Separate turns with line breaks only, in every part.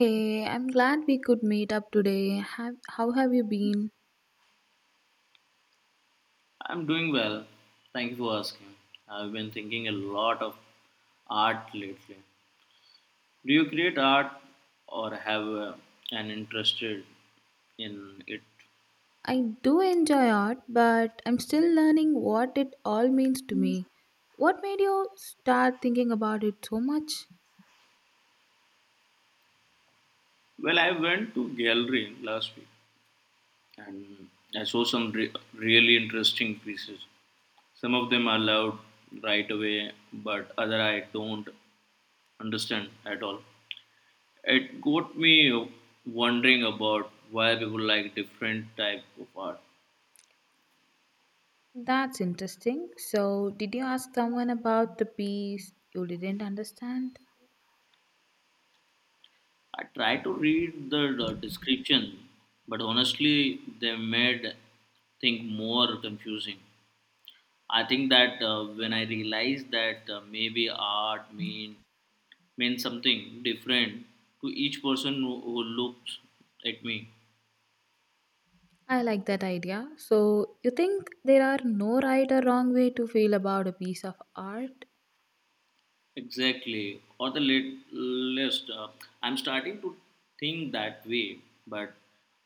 Hey, I'm glad we could meet up today. How have you been?
I'm doing well. Thank you for asking. I've been thinking a lot of art lately. Do you create art or have an interest in it?
I do enjoy art, but I'm still learning what it all means to me. What made you start thinking about it so much?
Well, I went to gallery last week and I saw really interesting pieces. Some of them I loved right away, but other I don't understand at all. It got me wondering about why people like different type of art.
That's interesting. So, did you ask someone about the piece you didn't understand?
I tried to read the description, but honestly, they made things more confusing. I think that when I realized that maybe art mean means something different to each person who looks at me.
I like that idea. So, you think there are no right or wrong way to feel about a piece of art?
Exactly. Or the lit- list. I'm starting to think that way, but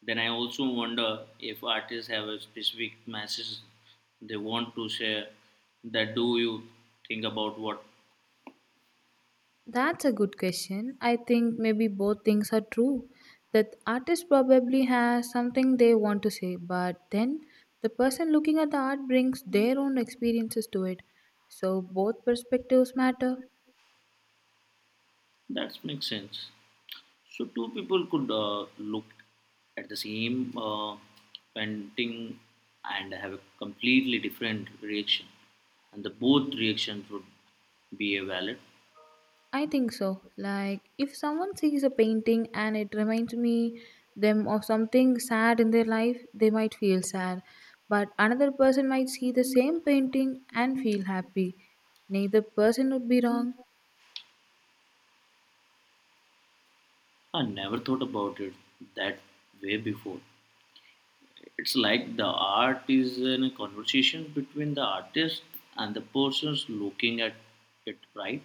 then I also wonder if artists have a specific message they want to share. That do you think about what?
That's a good question. I think maybe both things are true. That artist probably has something they want to say, but then the person looking at the art brings their own experiences to it. So both perspectives matter.
That makes sense. So two people could look at the same painting and have a completely different reaction, and the both reactions would be a valid.
I think so. Like if someone sees a painting and it reminds me them of something sad in their life, they might feel sad. But another person might see the same painting and feel happy. Neither person would be wrong.
I never thought about it that way before. It's like the art is in a conversation between the artist and the persons looking at it, right?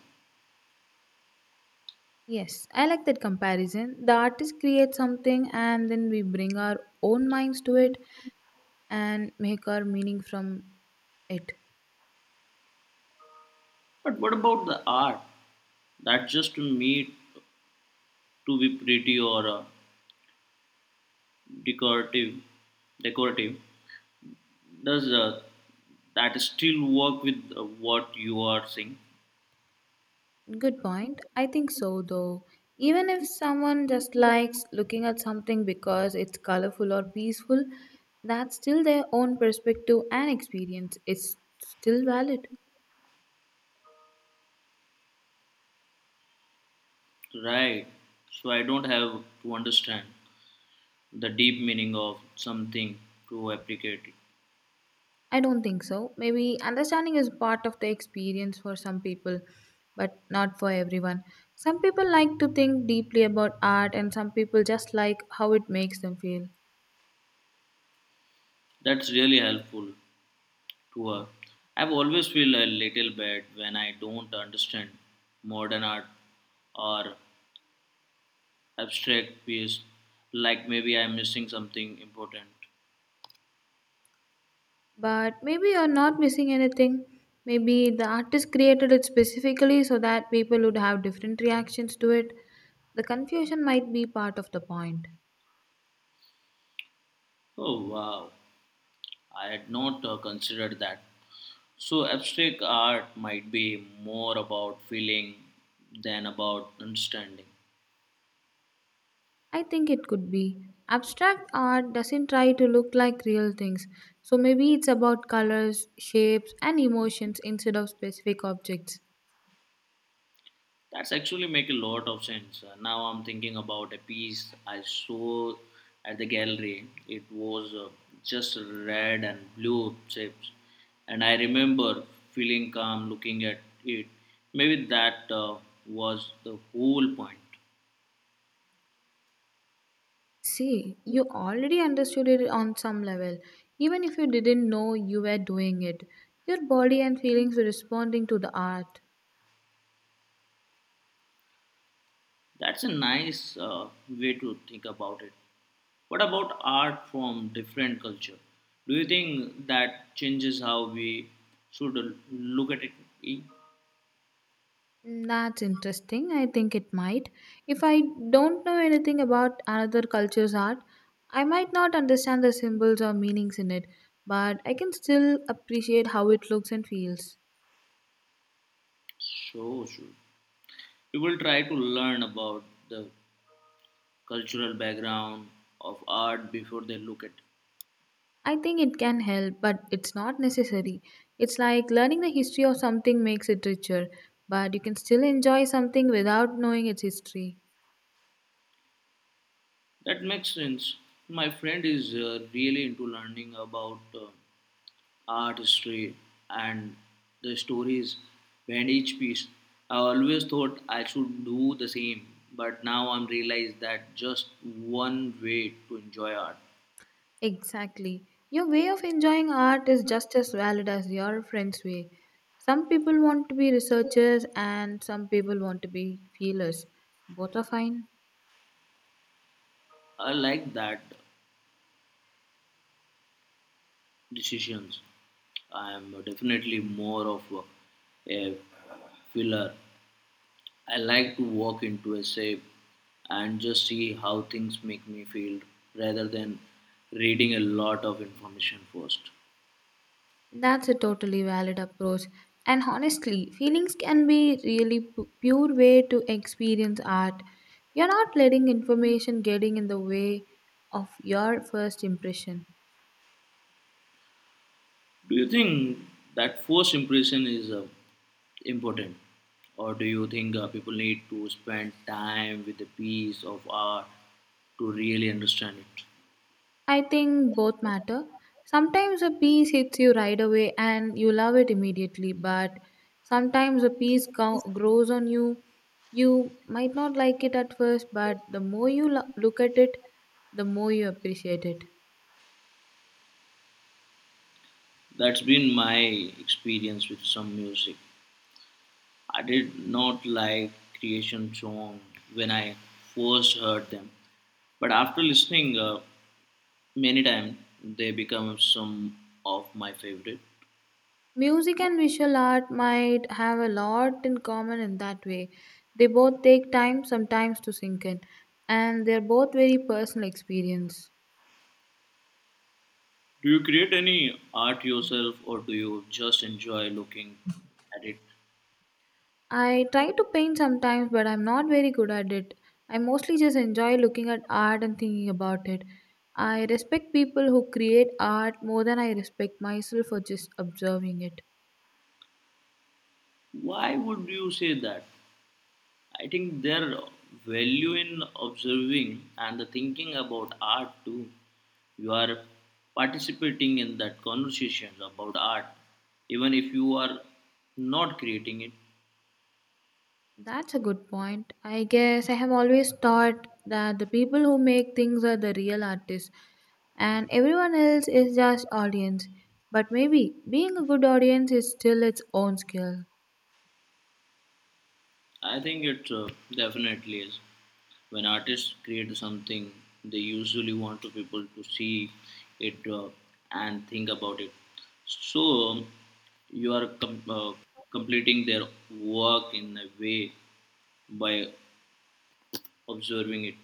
Yes, I like that comparison. The artist creates something and then we bring our own minds to it and make our meaning from it.
But what about the art that just need to be pretty or decorative? Decorative does that still work with what you are saying,
Good point. I think so though. Even if someone just likes looking at something because it's colorful or peaceful, that's still their own perspective and experience. It's still valid.
right? So I don't have to understand the deep meaning of something to applicate it.
I don't think so. Maybe understanding is part of the experience for some people, but not for everyone. Some people like to think deeply about art, and some people just like how it makes them feel.
That's really helpful to her. I've always feel a little bad when I don't understand modern art or abstract piece, like maybe I'm missing something important.
But maybe you're not missing anything. Maybe the artist created it specifically so that people would have different reactions to it. The confusion might be part of the point.
Oh wow, I had not considered that. So abstract art might be more about feeling than about understanding.
I think it could be. Abstract art doesn't try to look like real things, so maybe it's about colors, shapes, and emotions instead of specific objects.
That's actually make a lot of sense. Now I'm thinking about a piece I saw at the gallery. It was just red and blue shapes, and I remember feeling calm looking at it. Maybe that was the whole point.
See, you already understood it on some level, even if you didn't know you were doing it. Your body and feelings were responding to the art.
That's a nice way to think about it. What about art from different culture? Do you think that changes how we should look at it?
Mm, that's interesting. I think it might. If I don't know anything about another culture's art, I might not understand the symbols or meanings in it, but I can still appreciate how it looks and feels.
So sure, we will try to learn about the cultural background of art before they look at
I think it can help, but it's not necessary. It's like learning the history of something makes it richer, but you can still enjoy something without knowing its history.
that makes sense. My friend is really into learning about art history and the stories behind each piece. I always thought I should do the same, but now I'm realized that just one way to enjoy art.
Exactly. Your way of enjoying art is just as valid as your friend's way. Some people want to be researchers and some people want to be feelers. Both are fine.
I like that decisions. I'm definitely more of a filler. I like to walk into a shape and just see how things make me feel rather than reading a lot of information first.
That's a totally valid approach. And honestly, feelings can be really pure way to experience art. You're not letting information getting in the way of your first impression.
Do you think that first impression is important? Or do you think people need to spend time with a piece of art to really understand it?
I think both matter. Sometimes a piece hits you right away and you love it immediately, but sometimes a piece grows on you. You might not like it at first, but the more you look at it, the more you appreciate it.
That's been my experience with some music. I did not like creation song when I first heard them, but after listening, many times they become some of my favorite.
Music and visual art might have a lot in common in that way. They both take time sometimes to sink in, and they're both very personal experience.
Do you create any art yourself or do you just enjoy looking at it?
I try to paint sometimes, but I'm not very good at it. I mostly just enjoy looking at art and thinking about it. I respect people who create art more than I respect myself for just observing it.
Why would you say that? I think there value in observing and the thinking about art too. You are participating in that conversation about art, even if you are not creating it.
That's a good point. I guess I have always thought that the people who make things are the real artists and everyone else is just audience. But maybe being a good audience is still its own skill.
I think it definitely is. When artists create something, they usually want to people to see it and think about it. So um, you are completing their work in a way by observing it.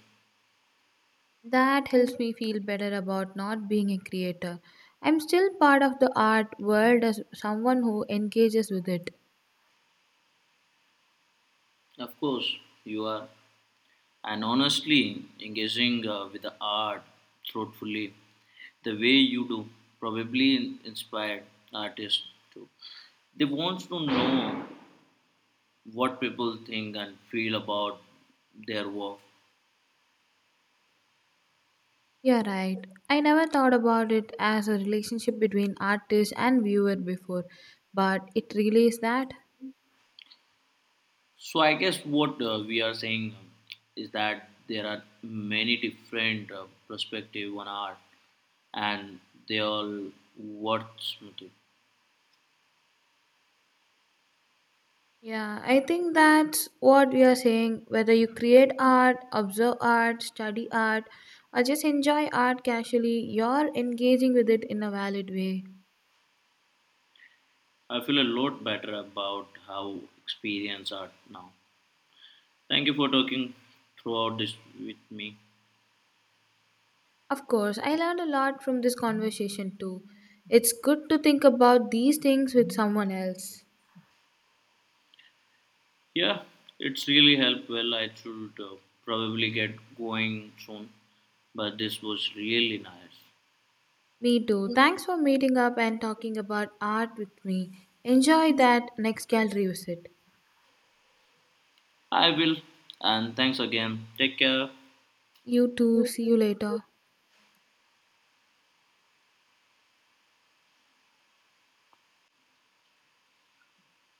That helps me feel better about not being a creator. I'm still part of the art world as someone who engages with it.
Of course, you are, and honestly, engaging with the art thoughtfully, the way you do, probably inspired artists too. They want to know what people think and feel about their work.
You're right. I never thought about it as a relationship between artist and viewer before, but it really is that.
So I guess what we are saying is that there are many different perspective on art, and they all worth something.
Yeah, I think that's what we are saying. Whether you create art, observe art, study art, or just enjoy art casually, you're engaging with it in a valid way.
I feel a lot better about how experience art now. Thank you for talking throughout this with me.
Of course, I learned a lot from this conversation too. It's good to think about these things with someone else.
Yeah, it's really helped. Well, I should probably get going soon, but this was really nice.
Me too. Thanks for meeting up and talking about art with me. Enjoy that next gallery visit.
I will, and thanks again. Take care.
You too. See you later.